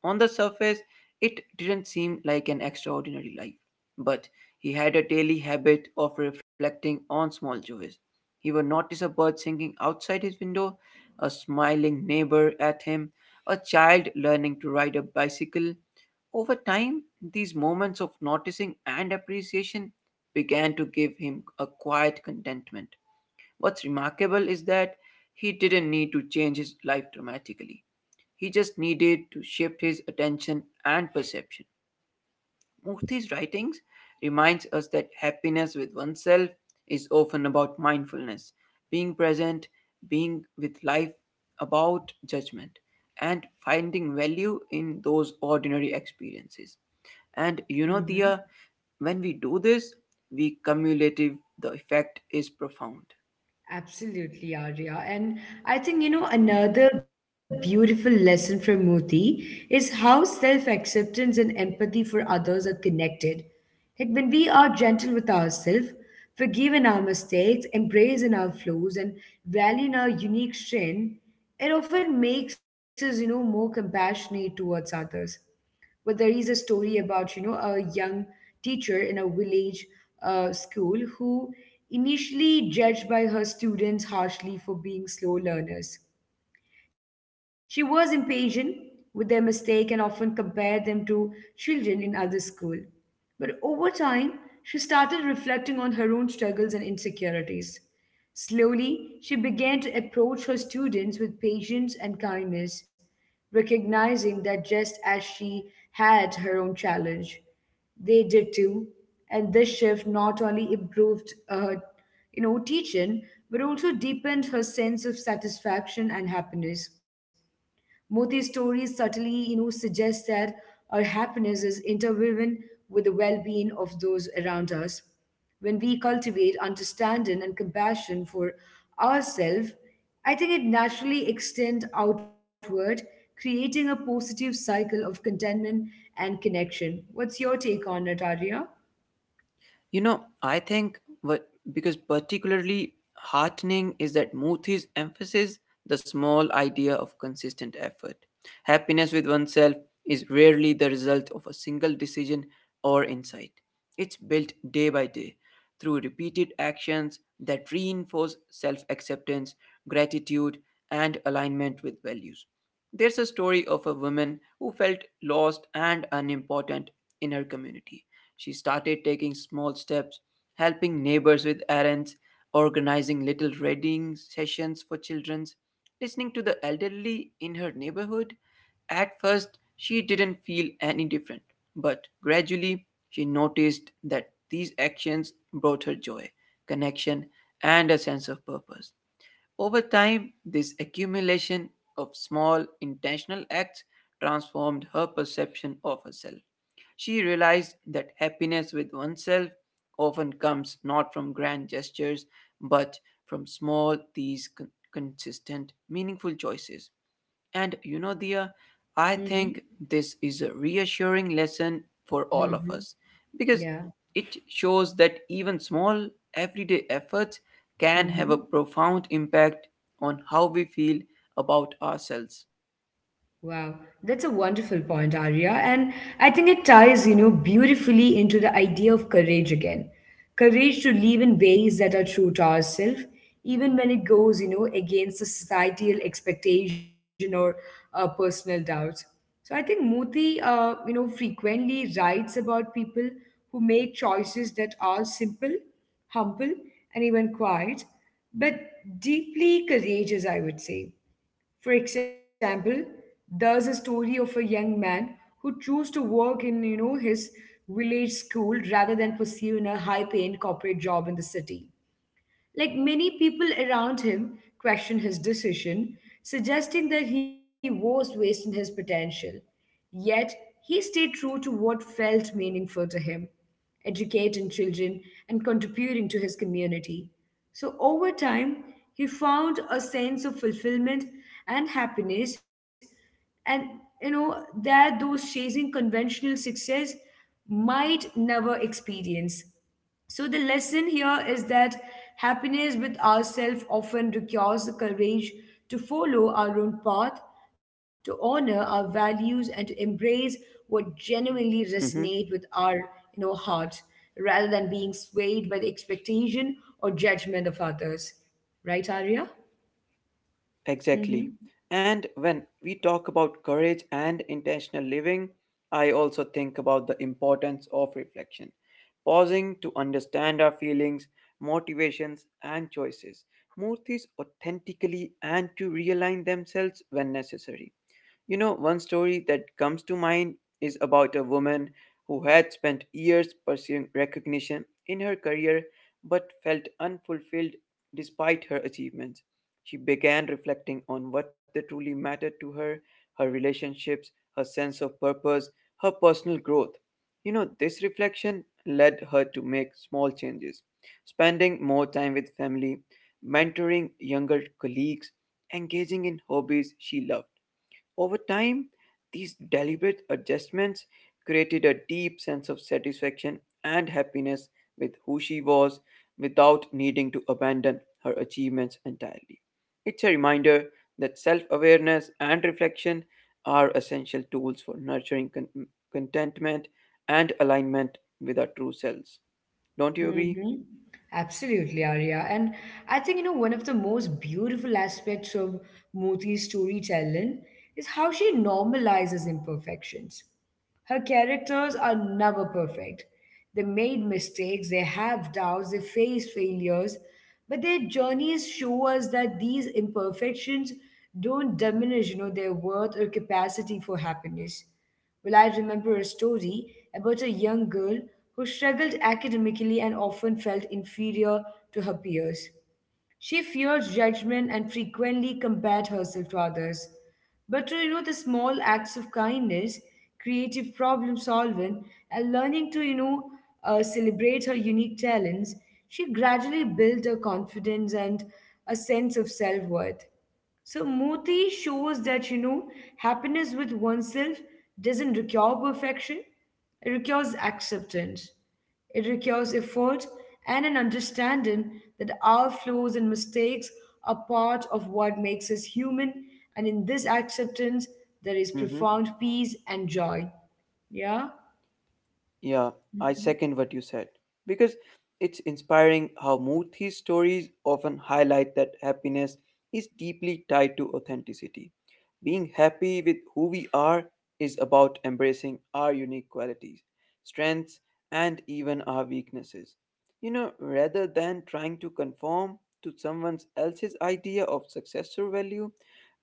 On the surface, it didn't seem like an extraordinary life, but he had a daily habit of reflecting on small joys. He would notice a bird singing outside his window, a smiling neighbor at him, a child learning to ride a bicycle. Over time, these moments of noticing and appreciation began to give him a quiet contentment. What's remarkable is that he didn't need to change his life dramatically. He just needed to shift his attention and perception. Murthy's writings reminds us that happiness with oneself is often about mindfulness, being present, being with life about judgment, and finding value in those ordinary experiences. And you
Hmm.
know, Dia, when we do this, we cumulative the effect is profound.
Absolutely, Arya. And I think,
Yeah.
another beautiful lesson from Moti is how self acceptance and empathy for others are connected. Like when we are gentle with ourselves, forgive in our mistakes, embrace in our flaws, and value in our unique strength, it often makes us, more compassionate towards others. But there is a story about, a young teacher in a village school who initially judged by her students harshly for being slow learners. She was impatient with their mistake and often compared them to children in other school. But over time, she started reflecting on her own struggles and insecurities. Slowly, she began to approach her students with patience and kindness, recognizing that just as she had her own challenge, they did too. And this shift not only improved her, teaching, but also deepened her sense of satisfaction and happiness. Both these stories subtly, suggest that our happiness is interwoven with the well-being of those around us. When we cultivate understanding and compassion for ourselves, I think it naturally extends outward, creating a positive cycle of contentment and connection. What's your take on it, Arya?
You know, I think what because particularly heartening is that Muthi's emphasis the small idea of consistent effort. Happiness with oneself is rarely the result of a single decision or insight. It's built day by day through repeated actions that reinforce self acceptance, gratitude, and alignment with values. There's a story of a woman who felt lost and unimportant in her community. She started taking small steps, helping neighbors with errands, organizing little reading sessions for children, listening to the elderly in her neighborhood. At first, she didn't feel any different, but gradually, she noticed that these actions brought her joy, connection, and a sense of purpose. Over time, this accumulation of small intentional acts transformed her perception of herself. She realized that happiness with oneself often comes not from grand gestures, but from small, consistent, meaningful choices. And you know, Dia, I
Mm-hmm.
think this is a reassuring lesson for all of
Mm-hmm.
us because
Yeah.
it shows that even small, everyday efforts can have a
Mm-hmm.
profound impact on how we feel about ourselves.
Wow, that's a wonderful point, Arya. And I think it ties, beautifully into the idea of courage again. Courage to live in ways that are true to ourselves, even when it goes, against the societal expectation or personal doubts. So I think Moti, frequently writes about people who make choices that are simple, humble, and even quiet, but deeply courageous, I would say. For example, there's a story of a young man who chose to work in, his village school rather than pursuing a high-paying corporate job in the city. Like many people around him questioned his decision, suggesting that he was wasting his potential. Yet, he stayed true to what felt meaningful to him, educating children and contributing to his community. So, over time, he found a sense of fulfillment and happiness, and that those chasing conventional success might never experience. So, the lesson here is that happiness with ourselves often requires the courage to follow our own path, to honor our values, and to embrace what genuinely resonates with our heart rather than being swayed by the expectation or judgment of others. Right, Arya? Mm-hmm.
Exactly. And when we talk about courage and intentional living, I also think about the importance of reflection, pausing to understand our feelings, motivations, and choices. Murthis authentically and to realign themselves when necessary. You know, one story that comes to mind is about a woman who had spent years pursuing recognition in her career but felt unfulfilled despite her achievements. She began reflecting on what that truly mattered to her, her relationships, her sense of purpose, her personal growth. You know, this reflection led her to make small changes, spending more time with family, mentoring younger colleagues, engaging in hobbies she loved. Over time, these deliberate adjustments created a deep sense of satisfaction and happiness with who she was without needing to abandon her achievements entirely. It's a reminder that self awareness and reflection are essential tools for nurturing contentment and alignment with our true selves. Don't you agree?
Mm-hmm. Absolutely, Arya. And I think, one of the most beautiful aspects of Moti's storytelling is how she normalizes imperfections. Her characters are never perfect. They made mistakes, they have doubts, they face failures, but their journeys show us that these imperfections don't diminish, their worth or capacity for happiness. Well, I remember a story about a young girl who struggled academically and often felt inferior to her peers. She feared judgment and frequently compared herself to others. But through the small acts of kindness, creative problem solving, and learning to celebrate her unique talents, she gradually built her confidence and a sense of self worth. So Moti shows that happiness with oneself doesn't require perfection. It requires acceptance. It requires effort and an understanding that our flaws and mistakes are part of what makes us human. And in this acceptance, there is profound peace and joy. Yeah.
Yeah, I
Mhm.
second what you said because it's inspiring how Murthy's stories often highlight that happiness is deeply tied to authenticity. Being happy with who we are is about embracing our unique qualities, strengths, and even our weaknesses. You know, rather than trying to conform to someone else's idea of success or value,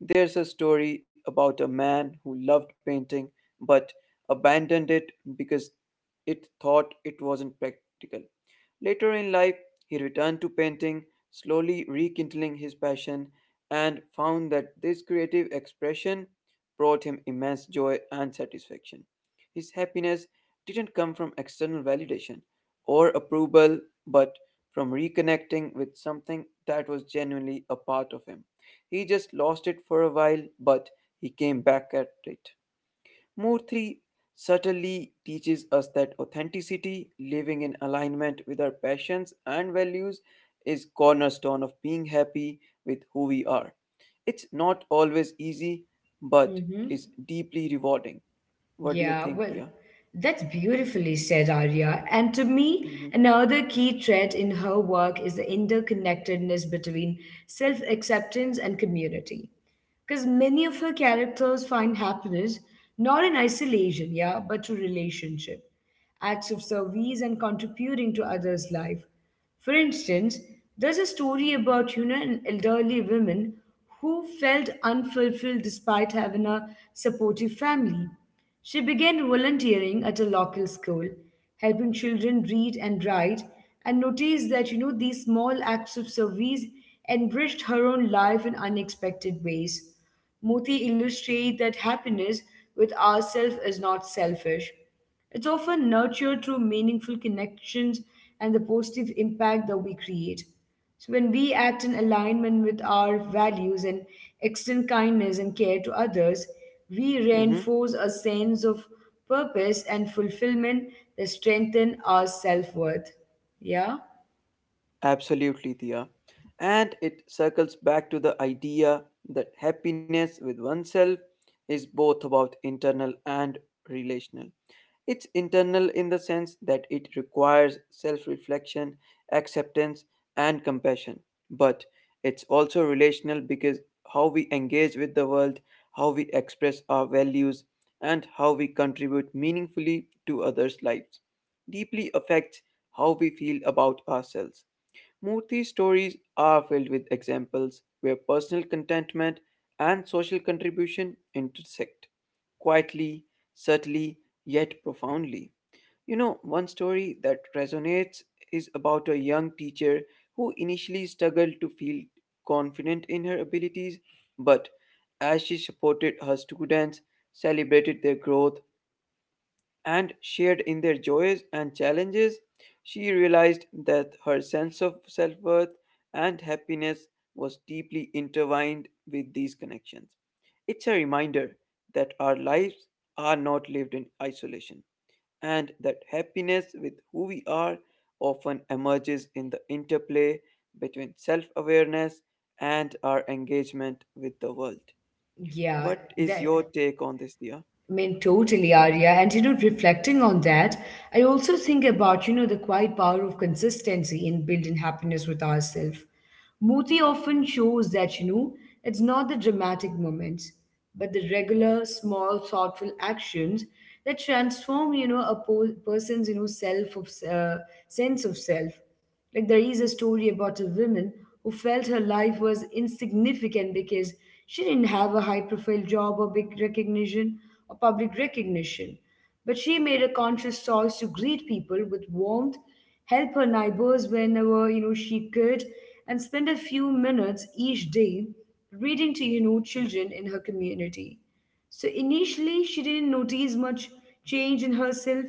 there's a story about a man who loved painting but abandoned it because it thought it wasn't practical. Later in life, he returned to painting, slowly rekindling his passion, and found that this creative expression brought him immense joy and satisfaction. His happiness didn't come from external validation or approval, but from reconnecting with something that was genuinely a part of him. He just lost it for a while, but he came back at it. Murthy certainly teaches us that authenticity, living in alignment with our passions and values, is cornerstone of being happy with who we are. It's not always easy, but
Mm-hmm.
is deeply rewarding. What do you
Yeah,
think,
well,
Dia?
that's beautifully said, Arya. And to me,
Hmm.
another key thread in her work is the interconnectedness between self acceptance and community. Because many of her characters find happiness not in isolation, yeah, but through relationship, acts of service, and contributing to others' life. For instance, there's a story about an elderly woman who felt unfulfilled despite having a supportive family. She began volunteering at a local school, helping children read and write, and noticed that, these small acts of service enriched her own life in unexpected ways. Moti illustrates that happiness with ourselves is not selfish. It's often nurtured through meaningful connections and the positive impact that we create. So when we act in alignment with our values and extend kindness and care to others, we
Mm-hmm.
reinforce a sense of purpose and fulfillment that strengthen our self-worth. Yeah?
Absolutely, Dia. And it circles back to the idea that happiness with oneself is both about internal and relational. It's internal in the sense that it requires self reflection, acceptance, and compassion. But it's also relational because how we engage with the world, how we express our values, and how we contribute meaningfully to others' lives deeply affects how we feel about ourselves. Murthy's stories are filled with examples where personal contentment and social contribution intersect, quietly, subtly, yet profoundly. You know, one story that resonates is about a young teacher who initially struggled to feel confident in her abilities, but as she supported her students, celebrated their growth, and shared in their joys and challenges, she realized that her sense of self worth and happiness was deeply intertwined with these connections. It's a reminder that our lives are not lived in isolation and that happiness with who we are often emerges in the interplay between self awareness and our engagement with the world.
Yeah,
What is your
that
take on this, Dia?
I mean, totally, Arya. And reflecting on that, I also think about, the quiet power of consistency in building happiness with ourselves. Muti often shows that, it's not the dramatic moments, but the regular, small, thoughtful actions that transform, a person's, self of sense of self. Like there is a story about a woman who felt her life was insignificant because she didn't have a high profile job or big recognition or public recognition. But she made a conscious choice to greet people with warmth, help her neighbors whenever she could, and spend a few minutes each day reading to children in her community. So initially, she didn't notice much change in herself,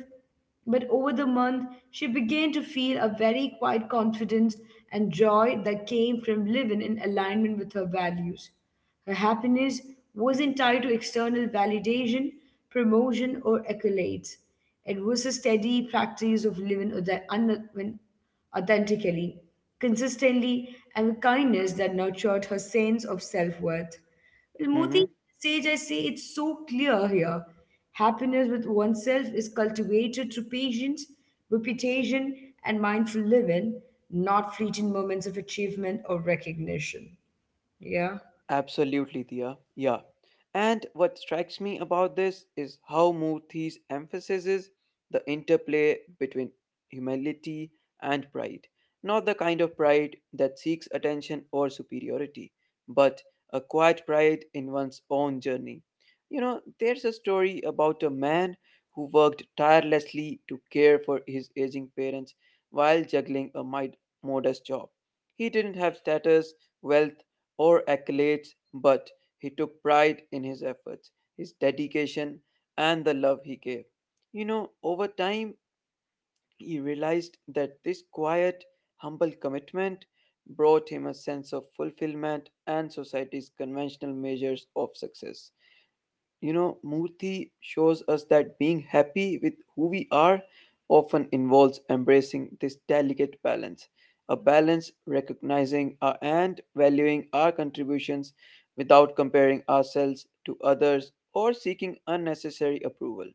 but over the month, she began to feel a very quiet confidence and joy that came from living in alignment with her values. Her happiness wasn't tied to external validation, promotion, or accolades. It was a steady practice of living authentically, consistently, and with kindness that nurtured her sense of self worth. Well, Moti Sage, I say it's so clear here. Happiness with oneself is cultivated through patience, reputation, and mindful living, not fleeting moments of achievement or recognition. Yeah.
Absolutely, Dia. Yeah. And what strikes me about this is how Murthy's emphasis is the interplay between humility and pride. Not the kind of pride that seeks attention or superiority, but a quiet pride in one's own journey. You know, there's a story about a man who worked tirelessly to care for his aging parents while juggling a modest job. He didn't have status, wealth, or accolades, but he took pride in his efforts, his dedication, and the love he gave. You know, over time, he realized that this quiet, humble commitment brought him a sense of fulfillment and society's conventional measures of success. You know, Murthy shows us that being happy with who we are often involves embracing this delicate balance, a balance recognizing our, and valuing our contributions without comparing ourselves to others or seeking unnecessary approval.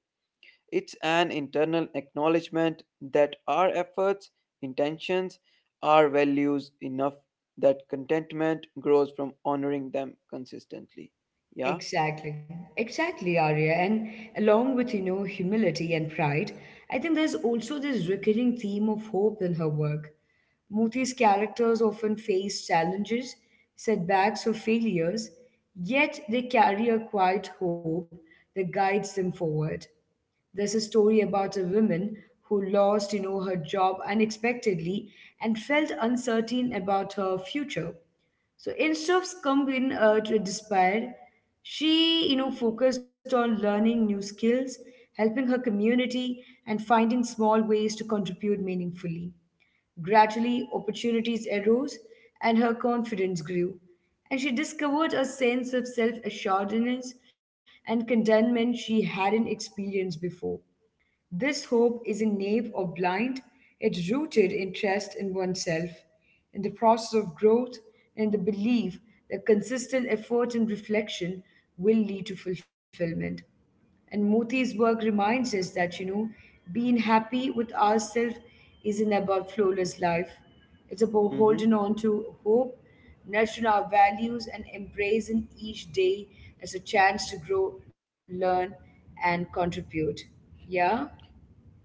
It's an internal acknowledgement that our efforts, intentions, our values enough that contentment grows from honoring them consistently. Yeah.
Exactly, exactly, Arya. And along with, humility and pride, I think there's also this recurring theme of hope in her work. Moti's characters often face challenges, setbacks, or failures, yet they carry a quiet hope that guides them forward. There's a story about a woman who lost, her job unexpectedly and felt uncertain about her future. So instead of succumbing to despair, she, focused on learning new skills, helping her community, and finding small ways to contribute meaningfully. Gradually, opportunities arose, and her confidence grew, and she discovered a sense of self-assuredness and contentment she hadn't experienced before. This hope isn't naive or blind, it's rooted in trust in oneself, in the process of growth, and the belief that consistent effort and reflection will lead to fulfillment. And Moti's work reminds us that, being happy with ourselves isn't about flawless life. It's about
Mm-hmm.
holding on to hope, nurturing our values, and embracing each day as a chance to grow, learn, and contribute. Yeah?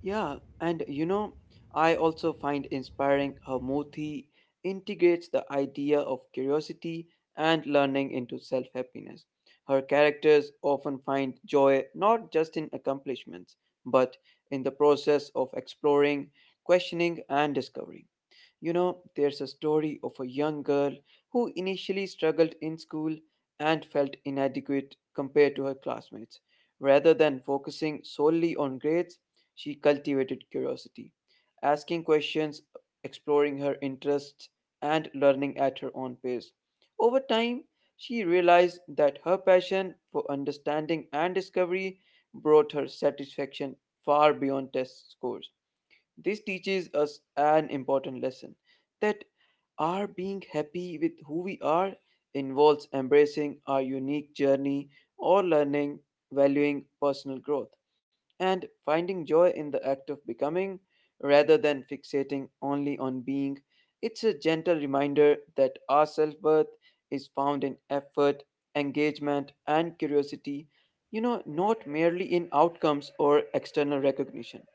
Yeah, and I also find inspiring how Mothi integrates the idea of curiosity and learning into self happiness. Her characters often find joy not just in accomplishments, but in the process of exploring, questioning, and discovering. You know, there's a story of a young girl who initially struggled in school and felt inadequate compared to her classmates. Rather than focusing solely on grades, she cultivated curiosity, asking questions, exploring her interests, and learning at her own pace. Over time, she realized that her passion for understanding and discovery brought her satisfaction far beyond test scores. This teaches us an important lesson that our being happy with who we are involves embracing our unique journey or learning, valuing personal growth, and finding joy in the act of becoming rather than fixating only on being. It's a gentle reminder that our self worth is found in effort, engagement, and curiosity, not merely in outcomes or external recognition.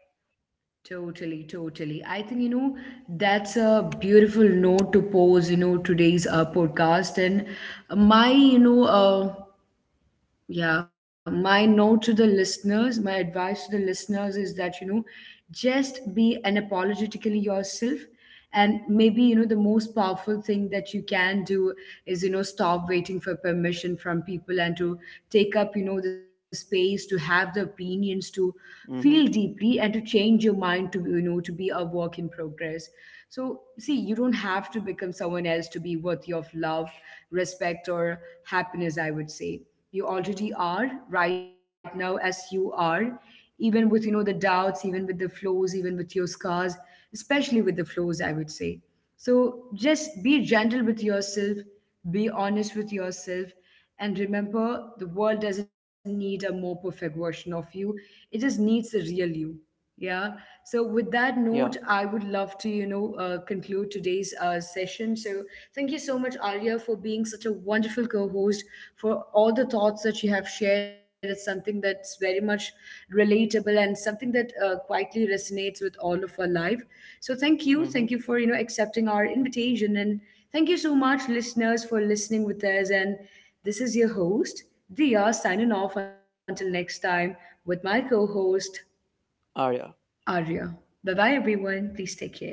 Totally, totally. I think, that's a beautiful note to pose, today's podcast. And my, yeah, my note to the listeners, my advice to the listeners is that, just be unapologetically yourself. And maybe, the most powerful thing that you can do is, stop waiting for permission from people and to take up, the space to have the opinions, to feel
Hmm.
deeply and to change your mind to, to be a work in progress. So, see, you don't have to become someone else to be worthy of love, respect, or happiness, I would say. You already are right now as you are, even with, the doubts, even with the flaws, even with your scars, especially with the flaws, I would say. So, just be gentle with yourself, be honest with yourself, and remember, the world doesn't need a more perfect version of you, it just needs the real you. Yeah. So, with that note,
Yeah.
I would love to, conclude today's session. So, thank you so much, Arya, for being such a wonderful co host, for all the thoughts that you have shared. It's something that's very much relatable and something that quietly resonates with all of our life. So, thank you. Thank you
Mm-hmm.
for, accepting our invitation. And thank you so much, listeners, for listening with us. And this is your host, Dia, signing off until next time with my co host,
Arya.
Arya. Bye bye, everyone. Please take care.